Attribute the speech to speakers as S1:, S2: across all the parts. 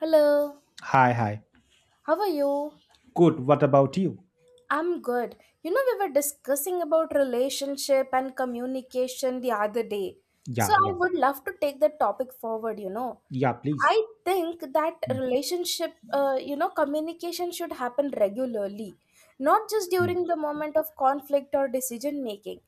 S1: Hello,
S2: Hi, hi.
S1: how are you?
S2: Good. What about you?
S1: I'm good. We were discussing about relationship and communication the other day. So
S2: Yeah,
S1: I
S2: yeah.
S1: would love to take that topic forward.
S2: Yeah, please.
S1: I think that
S2: Mm,
S1: relationship, communication should happen regularly, not just
S2: mm.
S1: during the moment of conflict or decision making.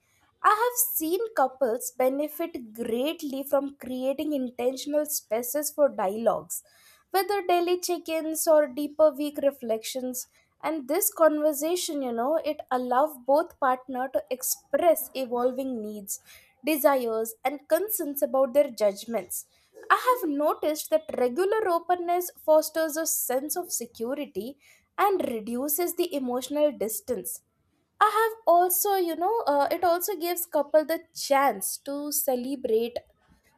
S1: I have seen couples benefit greatly from creating intentional spaces for dialogues, whether daily check ins or deeper week reflections. And this conversation, it allows both partner to express evolving needs, desires, and concerns about their judgments. I have noticed that regular openness fosters a sense of security and reduces the emotional distance. I have also, you know, It also gives couple the chance to celebrate,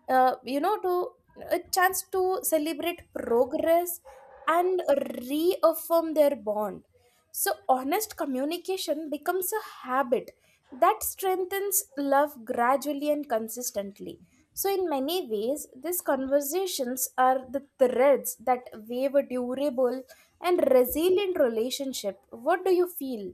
S1: you know, to a chance to celebrate progress and reaffirm their bond. So honest communication becomes a habit that strengthens love gradually and consistently. So in many ways, these conversations are the threads that weave a durable and resilient relationship. What do you feel?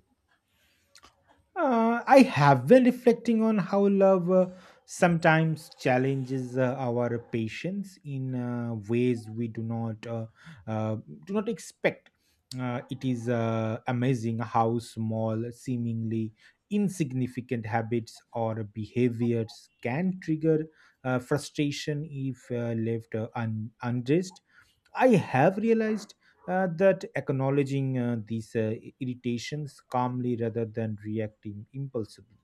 S2: I have been reflecting on how love sometimes challenges our patience in ways we do not uh, expect. It is amazing how small, seemingly insignificant habits or behaviors can trigger frustration if left unaddressed. I have realized that acknowledging these irritations calmly rather than reacting impulsively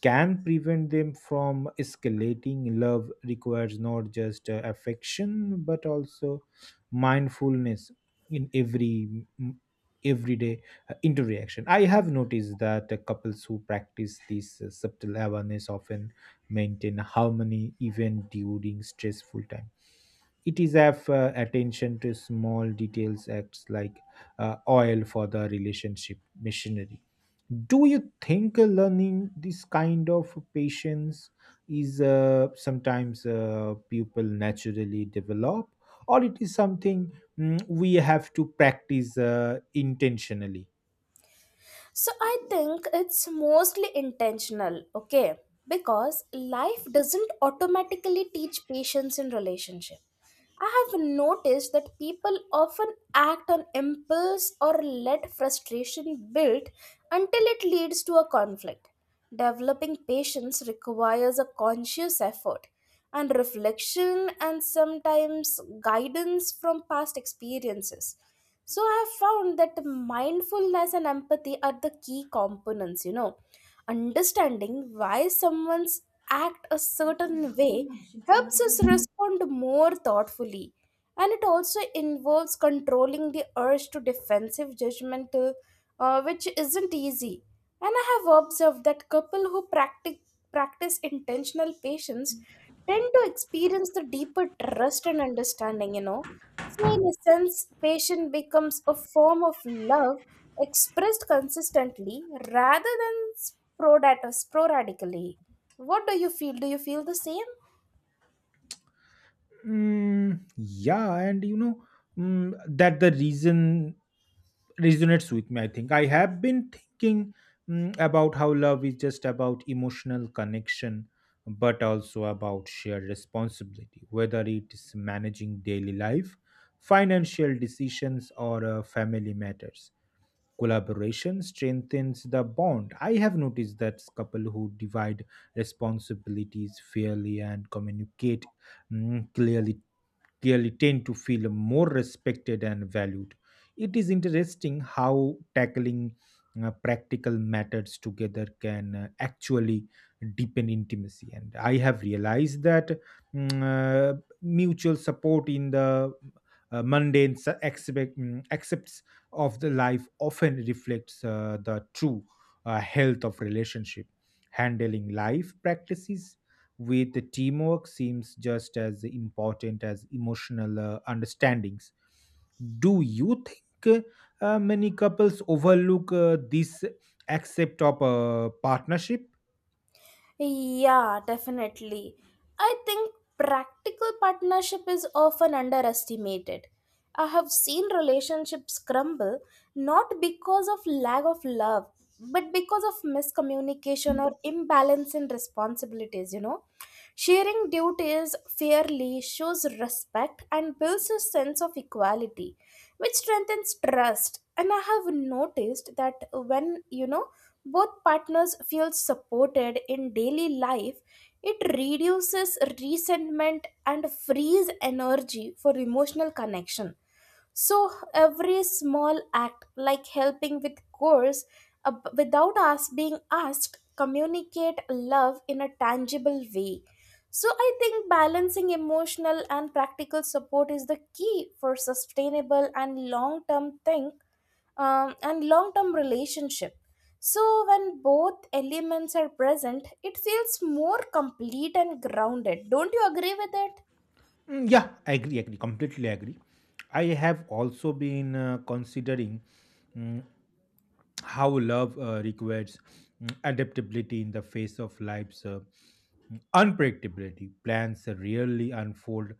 S2: can prevent them from escalating. Love requires not just affection but also mindfulness in everyday interaction. I have noticed that couples who practice this subtle awareness often maintain harmony even during stressful times. It is have attention to small details acts like oil for the relationship machinery. Do you think learning this kind of patience is sometimes people naturally develop, or it is something we have to practice intentionally?
S1: So I think it's mostly intentional, okay? Because life doesn't automatically teach patience in relationship. I have noticed that people often act on impulse or let frustration build until it leads to a conflict. Developing patience requires a conscious effort and reflection and sometimes guidance from past experiences. So I have found that mindfulness and empathy are the key components. Understanding why someone's act a certain way helps us respond more thoughtfully. And it also involves controlling the urge to defensive judgment, which isn't easy. And I have observed that couple who practice intentional patience tend to experience the deeper trust and understanding. So, in a sense, patience becomes a form of love expressed consistently rather than sporadically. What do you feel? Do you feel the same?
S2: Mm, yeah. And that the reason resonates with me. I think I have been thinking about how love is just about emotional connection, but also about shared responsibility, whether it is managing daily life, financial decisions, or family matters. Collaboration strengthens the bond. I have noticed that couple who divide responsibilities fairly and communicate mm, clearly clearly tend to feel more respected and valued. It is interesting how tackling practical matters together can actually deepen intimacy. And I have realized that mutual support in the mundane aspects of the life often reflects the true health of relationship. Handling life practices with the teamwork seems just as important as emotional understandings. Do you think many couples overlook this aspect of a partnership?
S1: Yeah, definitely. I think practical partnership is often underestimated. I have seen relationships crumble not because of lack of love, but because of miscommunication or imbalance in responsibilities. Sharing duties fairly shows respect and builds a sense of equality, which strengthens trust. And I have noticed that when both partners feel supported in daily life, it reduces resentment and frees energy for emotional connection. So every small act, like helping with chores, without us being asked, communicate love in a tangible way. So I think balancing emotional and practical support is the key for sustainable and long-term thing and long term relationship. So, when both elements are present, it feels more complete and grounded. Don't you agree with it?
S2: Mm, yeah, I agree, agree, completely agree. I have also been considering mm, how love requires adaptability in the face of life's unpredictability. Plans rarely unfold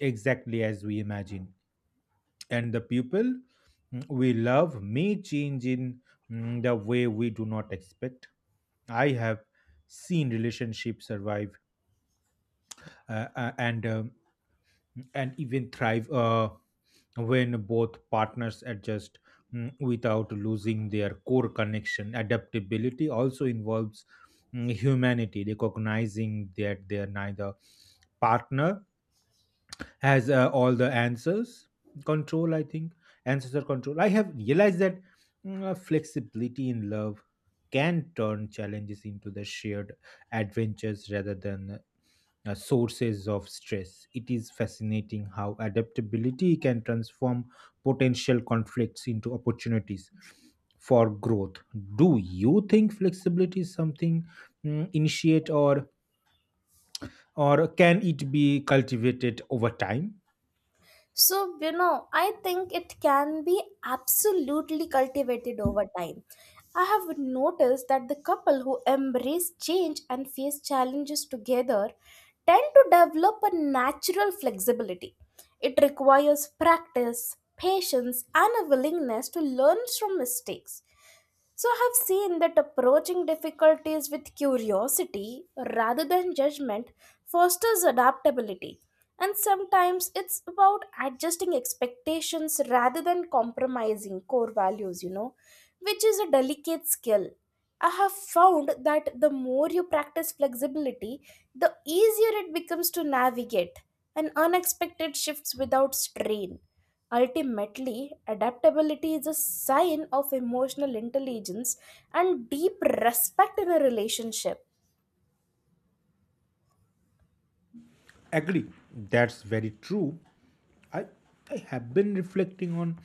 S2: exactly as we imagine, and the people we love may change in the way we do not expect. I have seen relationships survive uh, uh, and um, and even thrive when both partners adjust without losing their core connection. Adaptability also involves humanity, recognizing that they are neither partner has all the answers control, I think, answers are control. I have realized that flexibility in love can turn challenges into the shared adventures rather than sources of stress. It is fascinating how adaptability can transform potential conflicts into opportunities for growth. Do you think flexibility is something initiate, or can it be cultivated over time?
S1: So, I think it can be absolutely cultivated over time. I have noticed that the couple who embrace change and face challenges together tend to develop a natural flexibility. It requires practice, patience, and a willingness to learn from mistakes. So, I have seen that approaching difficulties with curiosity rather than judgment fosters adaptability. And sometimes it's about adjusting expectations rather than compromising core values, which is a delicate skill. I have found that the more you practice flexibility, the easier it becomes to navigate and unexpected shifts without strain. Ultimately, adaptability is a sign of emotional intelligence and deep respect in a relationship.
S2: Agree. That's very true. I i have been reflecting on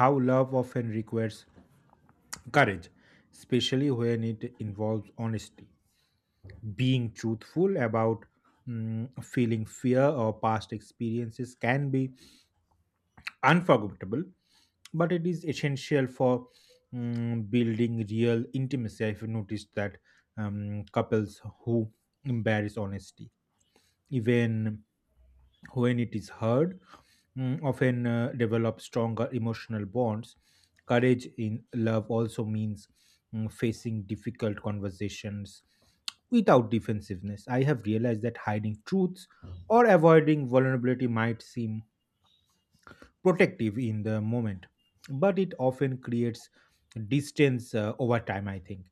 S2: how love often requires courage, especially when it involves honesty. Being truthful about feeling fear or past experiences can be unforgettable, but it is essential for building real intimacy. I've noticed that couples who embrace honesty, even when it is heard, often develop stronger emotional bonds. Courage in love also means facing difficult conversations without defensiveness. I have realized that hiding truths or avoiding vulnerability might seem protective in the moment, but it often creates distance over time, I think.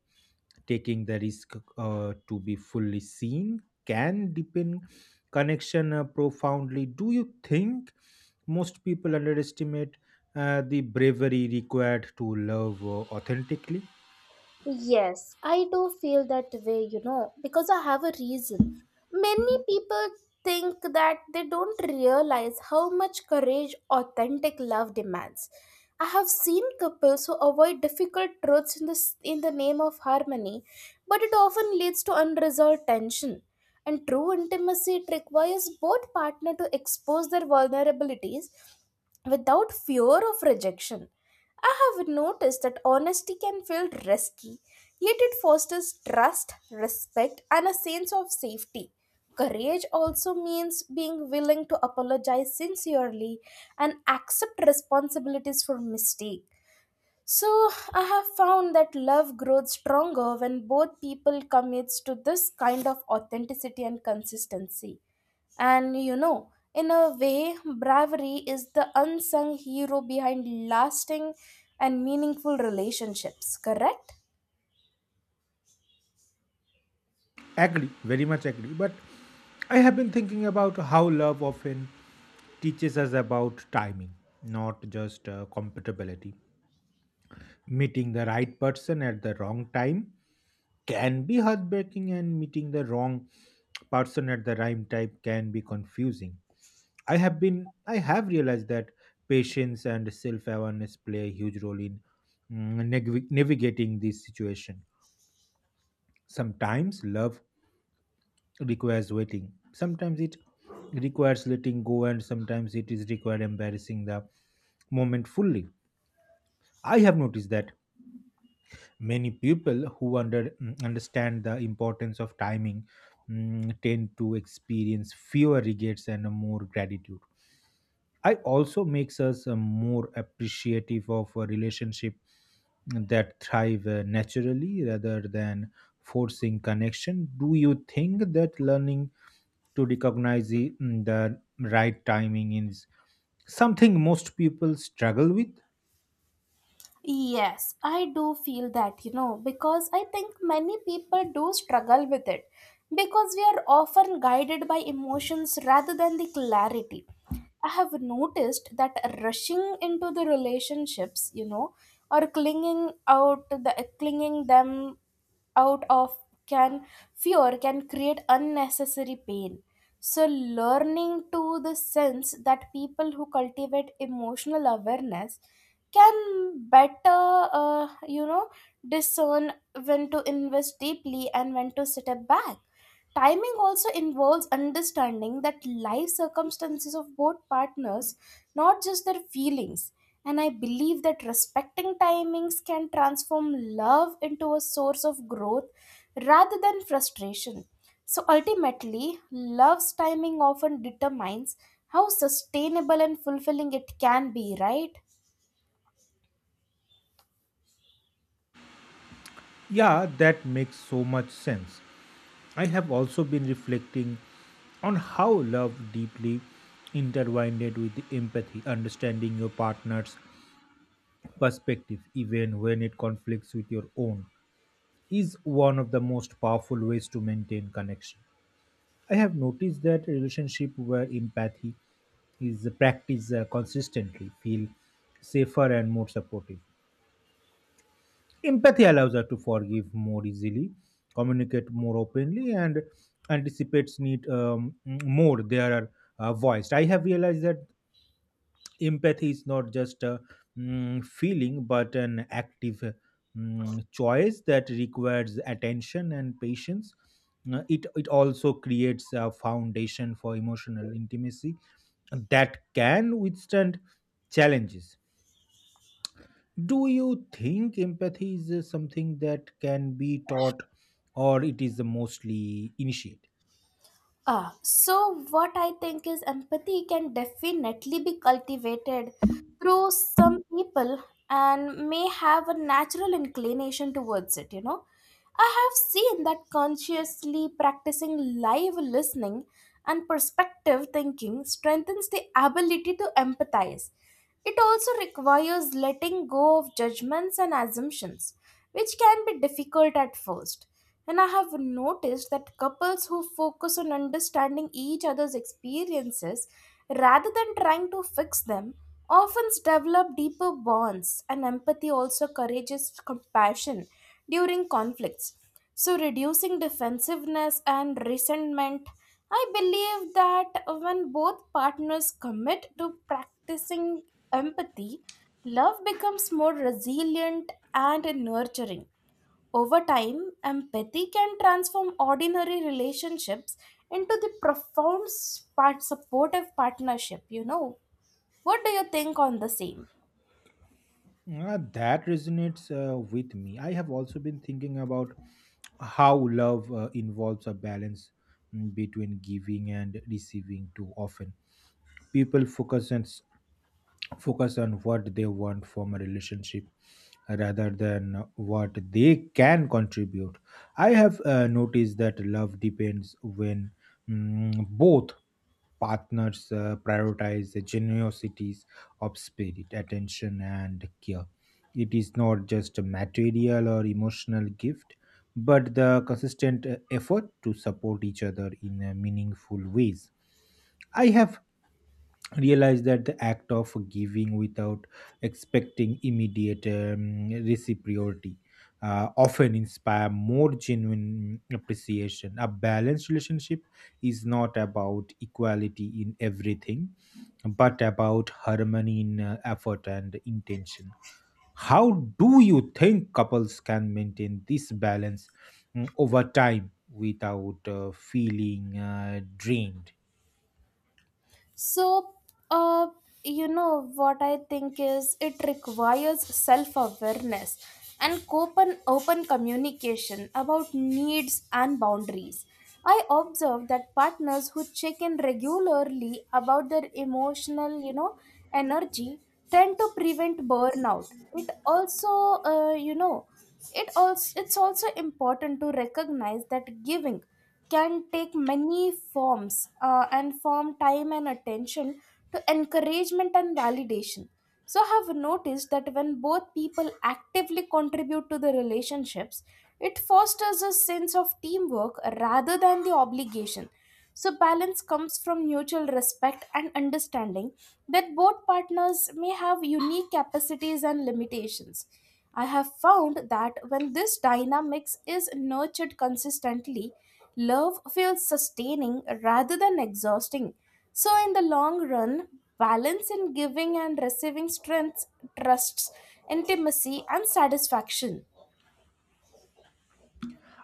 S2: Taking the risk to be fully seen can deepen connection profoundly. Do you think most people underestimate the bravery required to love authentically?
S1: Yes, I do feel that way, because I have a reason. Many people think that they don't realize how much courage authentic love demands. I have seen couples who avoid difficult truths in the name of harmony, but it often leads to unresolved tension. And true intimacy it requires both partner to expose their vulnerabilities without fear of rejection. I have noticed that honesty can feel risky, yet it fosters trust, respect, and a sense of safety. Courage also means being willing to apologize sincerely and accept responsibilities for mistake. So, I have found that love grows stronger when both people commits to this kind of authenticity and consistency. And in a way, bravery is the unsung hero behind lasting and meaningful relationships, correct?
S2: Agree, very much agree. But I have been thinking about how love often teaches us about timing, not just compatibility. Meeting the right person at the wrong time can be heartbreaking, and meeting the wrong person at the right time can be confusing. I have realized that patience and self-awareness play a huge role in navigating this situation. Sometimes love requires waiting. Sometimes it requires letting go, and sometimes it is required embarrassing the moment fully. I have noticed that many people who understand the importance of timing tend to experience fewer regrets and more gratitude. I also makes us more appreciative of a relationship that thrive naturally rather than forcing connection. Do you think that learning to recognize the right timing is something most people struggle with?
S1: Yes, I do feel that, because I think many people do struggle with it because we are often guided by emotions rather than the clarity. I have noticed that rushing into the relationships, or clinging them out of can fear can create unnecessary pain. So learning to the sense that people who cultivate emotional awareness can better uh, you know discern when to invest deeply and when to step back. Timing also involves understanding that life circumstances of both partners, not just their feelings. And I believe that respecting timings can transform love into a source of growth rather than frustration. So ultimately, love's timing often determines how sustainable and fulfilling it can be, right?
S2: Yeah, that makes so much sense. I have also been reflecting on how love deeply intertwined with empathy. Understanding your partner's perspective, even when it conflicts with your own, is one of the most powerful ways to maintain connection. I have noticed that relationship where empathy is practiced consistently feel safer and more supportive. Empathy allows us to forgive more easily, communicate more openly, and anticipates need more. They are voiced. I have realized that empathy is not just a feeling, but an active choice that requires attention and patience. It also creates a foundation for emotional intimacy that can withstand challenges. Do you think empathy is something that can be taught, or it is mostly initiated?
S1: Ah, so what I think is empathy can definitely be cultivated through some people and may have a natural inclination towards it. I have seen that consciously practicing live listening and perspective thinking strengthens the ability to empathize. It also requires letting go of judgments and assumptions, which can be difficult at first. And I have noticed that couples who focus on understanding each other's experiences rather than trying to fix them often develop deeper bonds, and empathy also encourages compassion during conflicts. So, reducing defensiveness and resentment. I believe that when both partners commit to practicing empathy, love becomes more resilient and nurturing. Over time, empathy can transform ordinary relationships into the profound part supportive partnership. What do you think on the same?
S2: That resonates with me. I have also been thinking about how love involves a balance between giving and receiving too often. People focus on what they want from a relationship rather than what they can contribute. I have noticed that love depends when both partners prioritize the generosities of spirit, attention, and care. It is not just a material or emotional gift, but the consistent effort to support each other in meaningful ways. I have realize that the act of giving without expecting immediate reciprocity often inspire more genuine appreciation. A balanced relationship is not about equality in everything, but about harmony in effort and intention. How do you think couples can maintain this balance over time without feeling drained?
S1: So, uh, what I think is it requires self awareness and open communication about needs and boundaries. I observe that partners who check in regularly about their emotional, energy tend to prevent burnout. It also, you know, it also it's also important to recognize that giving can take many forms and form time and attention to encouragement and validation. So, I have noticed that when both people actively contribute to the relationships, it fosters a sense of teamwork rather than the obligation. So, balance comes from mutual respect and understanding that both partners may have unique capacities and limitations. I have found that when this dynamics is nurtured consistently, love feels sustaining rather than exhausting. So, in the long run, balance in giving and receiving strengths, trusts, intimacy, and satisfaction.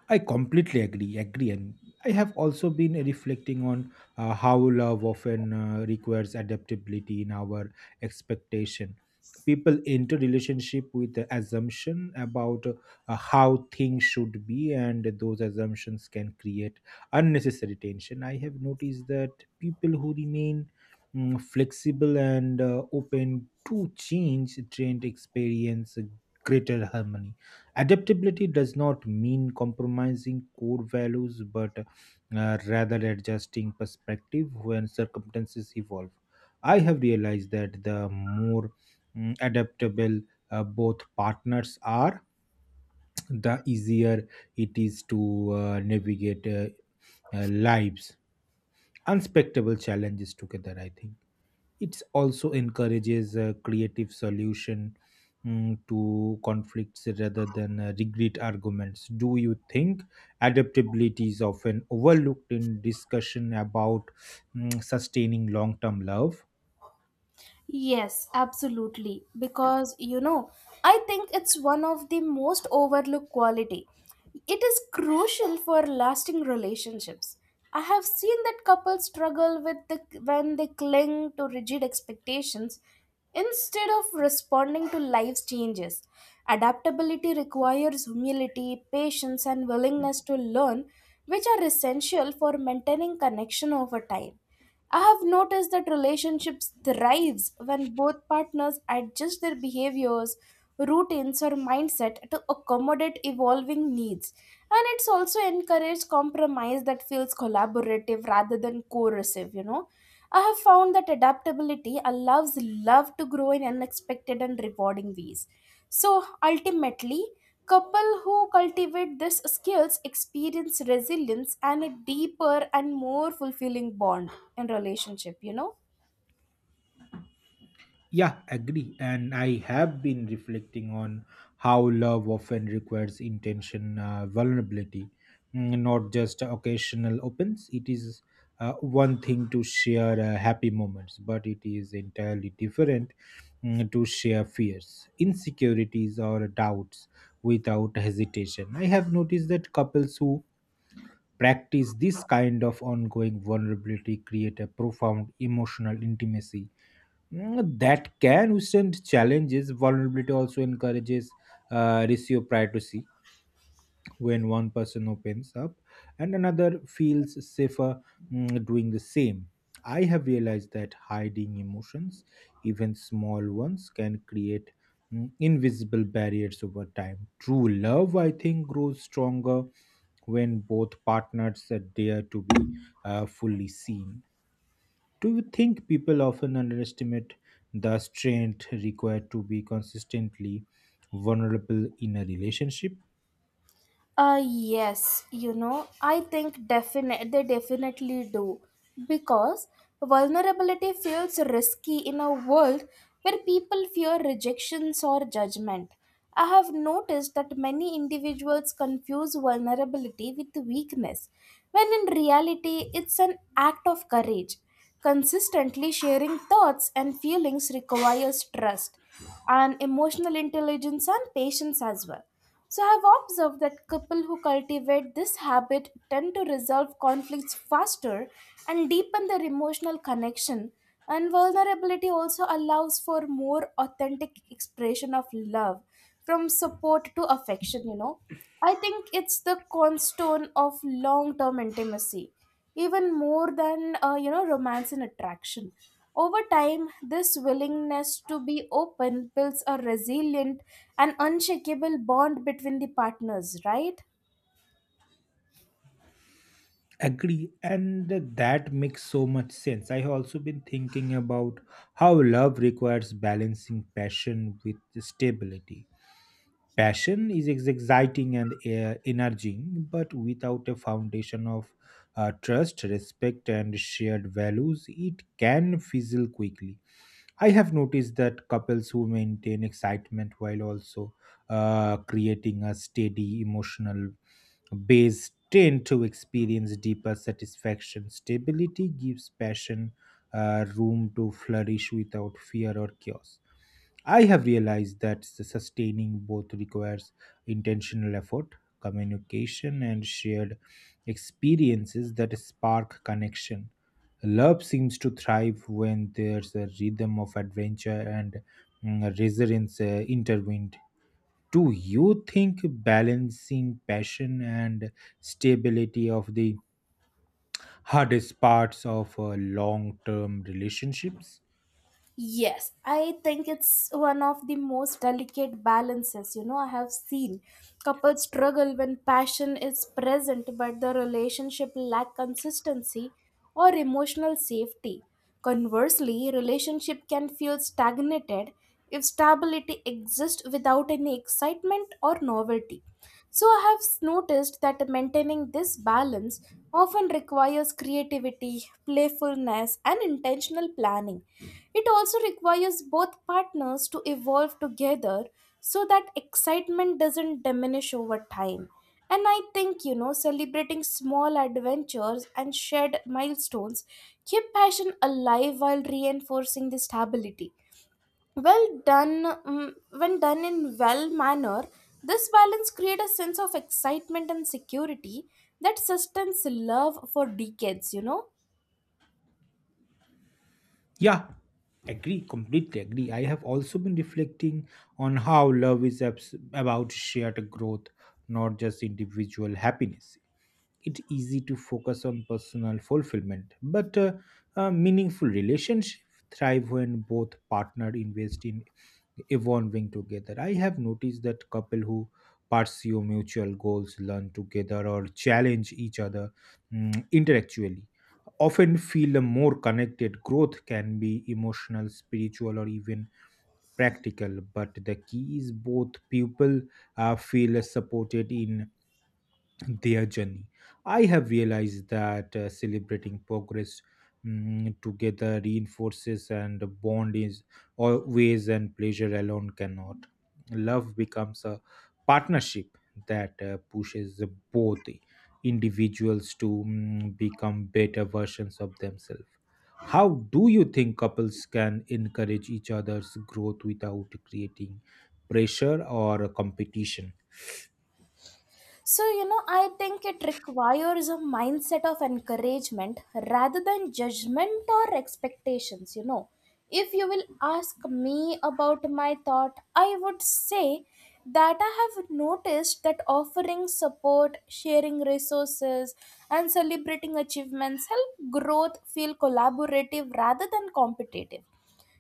S2: I completely agree. Agree, and I have also been reflecting on how love often requires adaptability in our expectation. People enter relationship with the assumption about how things should be, and those assumptions can create unnecessary tension. I have noticed that people who remain flexible and open to change, trend experience greater harmony. Adaptability does not mean compromising core values, but rather adjusting perspective when circumstances evolve. I have realized that the more adaptable both partners are, the easier it is to navigate lives, unspectable challenges together, I think. It also encourages a creative solution to conflicts rather than regret arguments. Do you think adaptability is often overlooked in discussion about sustaining long-term love?
S1: Yes, absolutely. Because, I think it's one of the most overlooked quality. It is crucial for lasting relationships. I have seen that couples struggle with the when they cling to rigid expectations instead of responding to life's changes. Adaptability requires humility, patience, and willingness to learn, which are essential for maintaining connection over time. I have noticed that relationships thrives when both partners adjust their behaviors, routines or mindset to accommodate evolving needs. And it's also encouraged compromise that feels collaborative rather than coercive. I have found that adaptability allows love to grow in unexpected and rewarding ways. So ultimately, couple who cultivate these skills experience resilience and a deeper and more fulfilling bond in relationship.
S2: Yeah, agree. And I have been reflecting on how love often requires intention, vulnerability, not just occasional opens. It is one thing to share happy moments, but it is entirely different to share fears, insecurities, or doubts without hesitation. I have noticed that couples who practice this kind of ongoing vulnerability create a profound emotional intimacy that can withstand challenges. Vulnerability also encourages reciprocity when one person opens up and another feels safer doing the same. I have realized that hiding emotions, even small ones, can create invisible barriers over time. True love, I think, grows stronger when both partners dare to be fully seen. Do you think people often underestimate the strength required to be consistently vulnerable in a relationship?
S1: Yes, I think definite they definitely do because vulnerability feels risky in a world where people fear rejections or judgment. I have noticed that many individuals confuse vulnerability with weakness, when in reality, it's an act of courage. Consistently sharing thoughts and feelings requires trust and emotional intelligence and patience as well. So I have observed that couples who cultivate this habit tend to resolve conflicts faster and deepen their emotional connection. And vulnerability also allows for more authentic expression of love, from support to affection. I think it's the cornerstone of long term intimacy even more than romance and attraction. Over time, this willingness to be open builds a resilient and unshakable bond between the partners, right?
S2: Agree, and that makes so much sense. I have also been thinking about how love requires balancing passion with stability. Passion is exciting and energizing, but without a foundation of trust, respect, and shared values, it can fizzle quickly. I have noticed that couples who maintain excitement while also creating a steady emotional base tend to experience deeper satisfaction. Stability gives passion room to flourish without fear or chaos. I have realized that sustaining both requires intentional effort, communication, and shared experiences that spark connection. Love seems to thrive when there's a rhythm of adventure and resilience intertwined. Do you think balancing passion and stability of the hardest parts of long-term relationships?
S1: Yes, I think it's one of the most delicate balances. I have seen couples struggle when passion is present, but the relationship lack consistency or emotional safety. Conversely, relationship can feel stagnated if stability exists without any excitement or novelty. So I have noticed that maintaining this balance often requires creativity, playfulness, and intentional planning. It also requires both partners to evolve together so that excitement doesn't diminish over time. And I think, celebrating small adventures and shared milestones keep passion alive while reinforcing the stability. When done in well manner, this balance creates a sense of excitement and security that sustains love for decades.
S2: Yeah, agree, completely agree. I have also been reflecting on how love is about shared growth, not just individual happiness. It's easy to focus on personal fulfillment, but meaningful relationships thrive when both partners invest in evolving together. I have noticed that couple who pursue mutual goals, learn together, or challenge each other intellectually often feel more connected. Growth can be emotional, spiritual, or even practical, but the key is both people feel supported in their journey. I have realized that celebrating progress together reinforces and bond is always and pleasure alone cannot. Love becomes a partnership that pushes both individuals to become better versions of themselves. How do you think couples can encourage each other's growth without creating pressure or competition?
S1: So, I think it requires a mindset of encouragement rather than judgment or expectations. If you will ask me about my thought, I would say that I have noticed that offering support, sharing resources, and celebrating achievements help growth feel collaborative rather than competitive.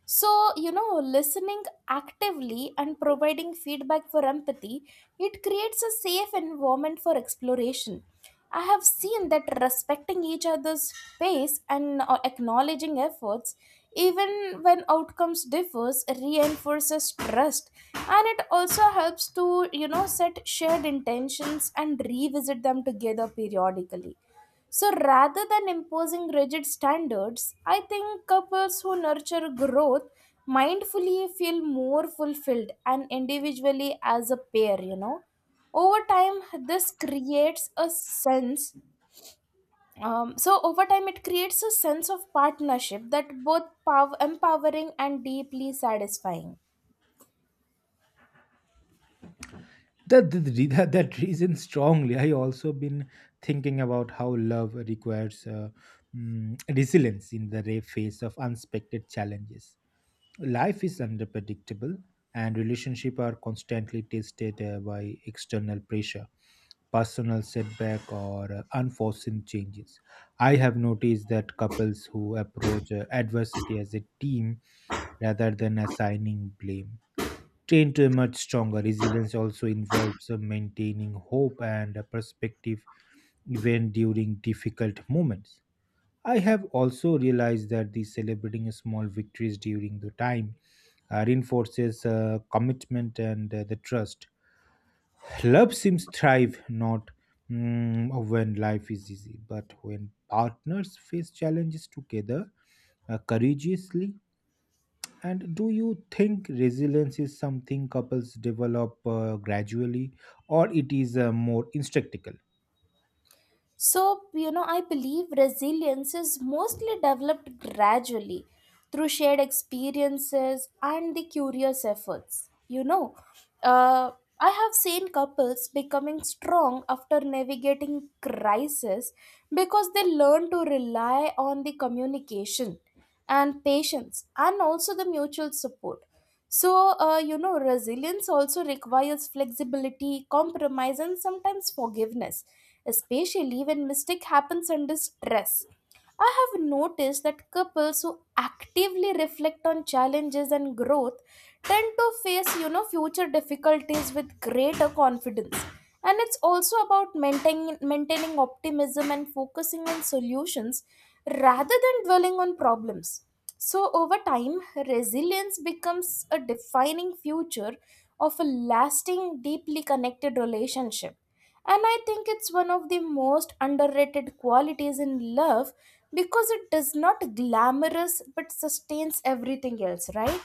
S1: So, listening actively and providing feedback for empathy, it creates a safe environment for exploration. I have seen that respecting each other's pace and acknowledging efforts, even when outcomes differs, reinforces trust, and it also helps to set shared intentions and revisit them together periodically. So rather than imposing rigid standards, I think couples who nurture growth mindfully feel more fulfilled and individually as a pair. You know. Over time, this creates a sense. So over time, it creates a sense of partnership that both empowering and deeply satisfying.
S2: That, that, re- that that reason strongly. I also been thinking about how love requires resilience in the face of unexpected challenges. Life is unpredictable, and relationships are constantly tested by external pressure, personal setback, or unforeseen changes. I have noticed that couples who approach adversity as a team rather than assigning blame trained to emerge stronger. Resilience also involves maintaining hope and a perspective even during difficult moments. I have also realized that the celebrating small victories during the time reinforces commitment and the trust. Love seems thrive not when life is easy, but when partners face challenges together courageously, and do you think resilience is something couples develop gradually, or it is more instinctual?
S1: So, you know, I believe resilience is mostly developed gradually through shared experiences and the curious efforts. Uh, I have seen couples becoming strong after navigating crisis because they learn to rely on the communication and patience and also the mutual support. So, you know, resilience also requires flexibility, compromise, and sometimes forgiveness, especially when mistake happens under stress. I have noticed that couples who actively reflect on challenges and growth tend to face, you know, future difficulties with greater confidence. And it's also about maintaining optimism and focusing on solutions rather than dwelling on problems. So, over time, resilience becomes a defining feature of a lasting, deeply connected relationship. And I think it's one of the most underrated qualities in love because it does not glamorous but sustains everything else, right?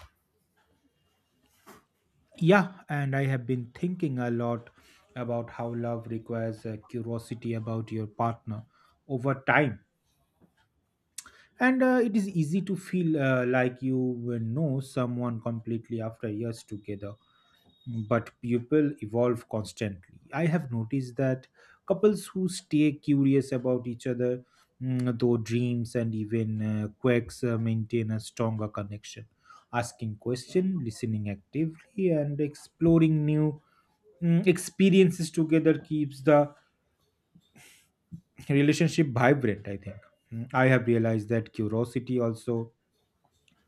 S2: Yeah, and I have been thinking a lot about how love requires curiosity about your partner over time. And it is easy to feel like you will know someone completely after years together, but people evolve constantly. I have noticed that couples who stay curious about each other, though dreams and even quirks maintain a stronger connection. Asking questions, listening actively, and exploring new experiences together keeps the relationship vibrant. I have realized that curiosity also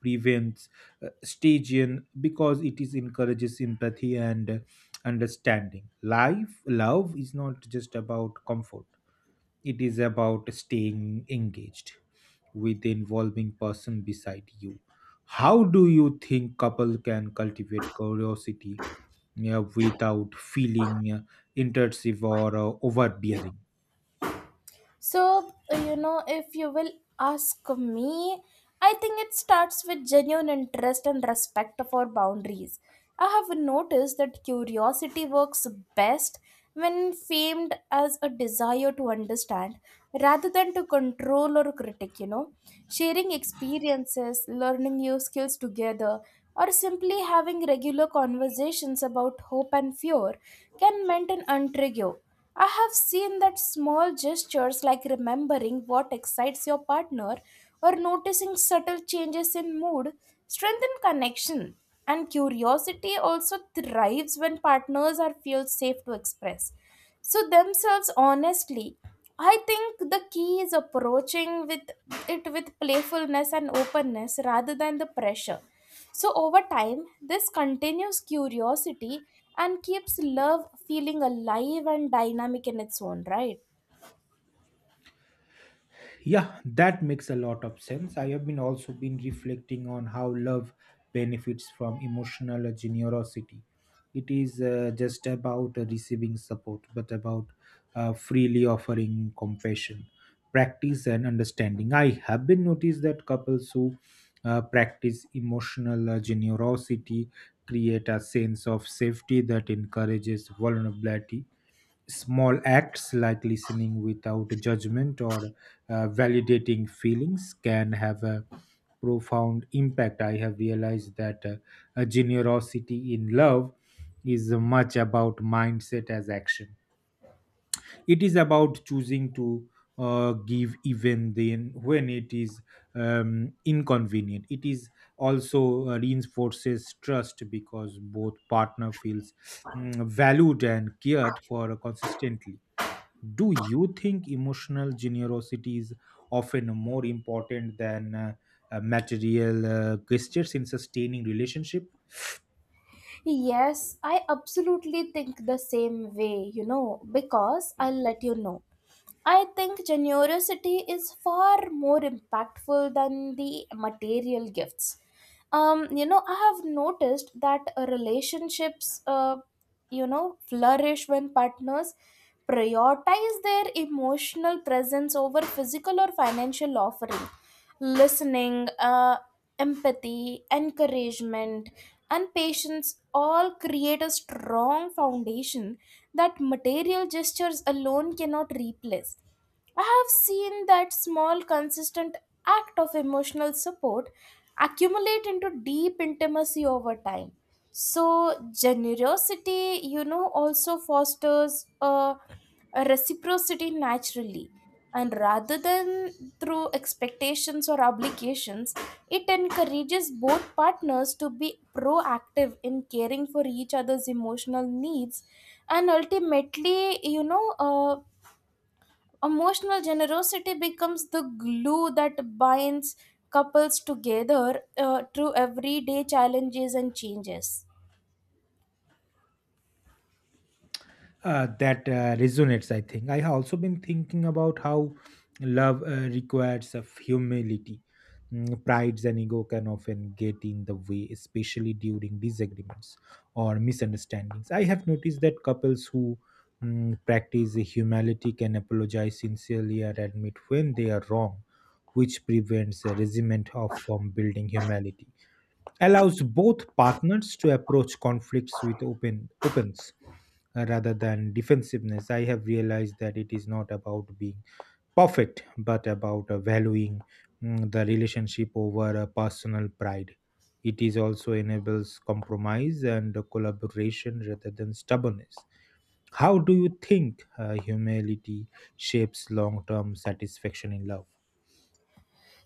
S2: prevents stagian, because it is encourages empathy and understanding life. Love is not just about comfort, it is about staying engaged with the involving person beside you. How do you think couple can cultivate curiosity, yeah, without feeling intrusive or overbearing?
S1: So, you know, if you will ask me, I think it starts with genuine interest and respect for boundaries. I have noticed that curiosity works best when framed as a desire to understand rather than to control or critic, you know. Sharing experiences, learning new skills together, or simply having regular conversations about hope and fear can maintain intrigue. I have seen that small gestures like remembering what excites your partner or noticing subtle changes in mood strengthen connection. And curiosity also thrives when partners are feel safe to express. So themselves honestly, I think the key is approaching with it with playfulness and openness rather than the pressure. So, over time, this continues curiosity and keeps love feeling alive and dynamic in its own right.
S2: Yeah, that makes a lot of sense. I have been also been reflecting on how love benefits from emotional generosity. It is just about receiving support, but about freely offering compassion, practice, and understanding. I have been noticed that couples who practice emotional generosity create a sense of safety that encourages vulnerability. Small acts like listening without judgment or validating feelings can have a profound impact. I have realized that a generosity in love is much about mindset as action. It is about choosing to give even then when it is inconvenient. It is also reinforces trust because both partner feels valued and cared for consistently. Do you think emotional generosity is often more important than material gestures in sustaining relationship?
S1: Yes, I absolutely think the same way, you know, because I'll let you know. I think generosity is far more impactful than the material gifts. You know, I have noticed that relationships, you know, flourish when partners prioritize their emotional presence over physical or financial offering listening, empathy, encouragement, and patience all create a strong foundation that material gestures alone cannot replace. I have seen that small, consistent act of emotional support accumulate into deep intimacy over time. So, generosity, you know, also fosters a reciprocity naturally and rather than through expectations or obligations, it encourages both partners to be proactive in caring for each other's emotional needs, and ultimately, emotional generosity becomes the glue that binds couples together through everyday challenges and changes.
S2: That resonates. I think I have also been thinking about how love requires of humility. Prides and ego can often get in the way, especially during disagreements or misunderstandings. I have noticed that couples who practice humility can apologize sincerely and admit when they are wrong, which prevents a resentment of from building. Humility allows both partners to approach conflicts with open opens, rather than defensiveness. I have realized that it is not about being perfect, but about valuing the relationship over personal pride. It is also enables compromise and collaboration rather than stubbornness. How do you think humility shapes long term satisfaction in love?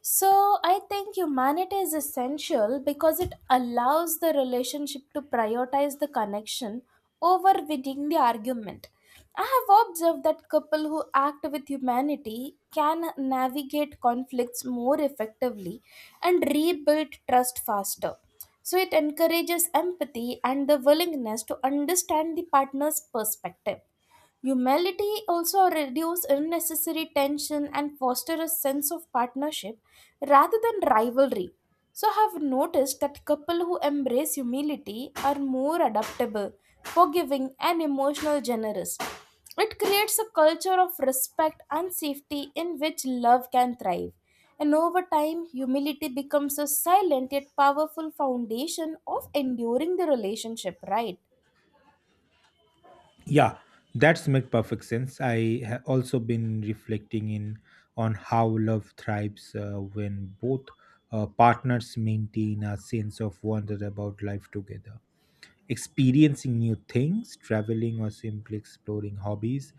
S1: So I think humanity is essential because it allows the relationship to prioritize the connection over winning the argument. I have observed that couple who act with humanity can navigate conflicts more effectively and rebuild trust faster. So it encourages empathy and the willingness to understand the partner's perspective. Humility also reduces unnecessary tension and fosters a sense of partnership rather than rivalry. So, I have noticed that couples who embrace humility are more adaptable, forgiving, and emotional generous. It creates a culture of respect and safety in which love can thrive. And over time, humility becomes a silent yet powerful foundation of enduring the relationship, right?
S2: Yeah, that's make perfect sense. I have also been reflecting in on how love thrives when both partners maintain a sense of wonder about life together. Experiencing new things, traveling, or simply exploring hobbies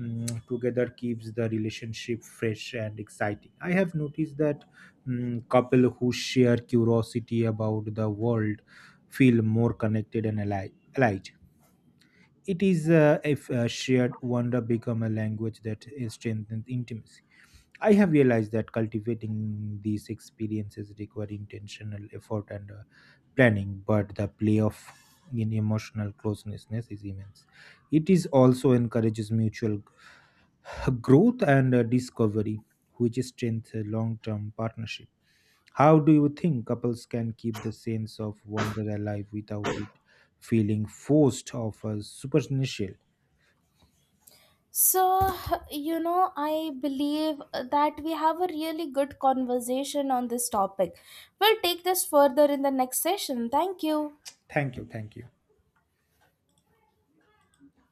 S2: together keeps the relationship fresh and exciting. I have noticed that couple who share curiosity about the world feel more connected and alive. It is if shared wonder become a language that is strengthens intimacy. I have realized that cultivating these experiences require intentional effort and planning, but the payoff in emotional closeness is immense. It is also encourages mutual growth and discovery, which strengthen long-term partnership. How do you think couples can keep the sense of wonder alive without it feeling forced or superficial?
S1: So, you know, I believe that we have a really good conversation on this topic. We'll take this further in the next session. Thank you.
S2: Thank you, thank you.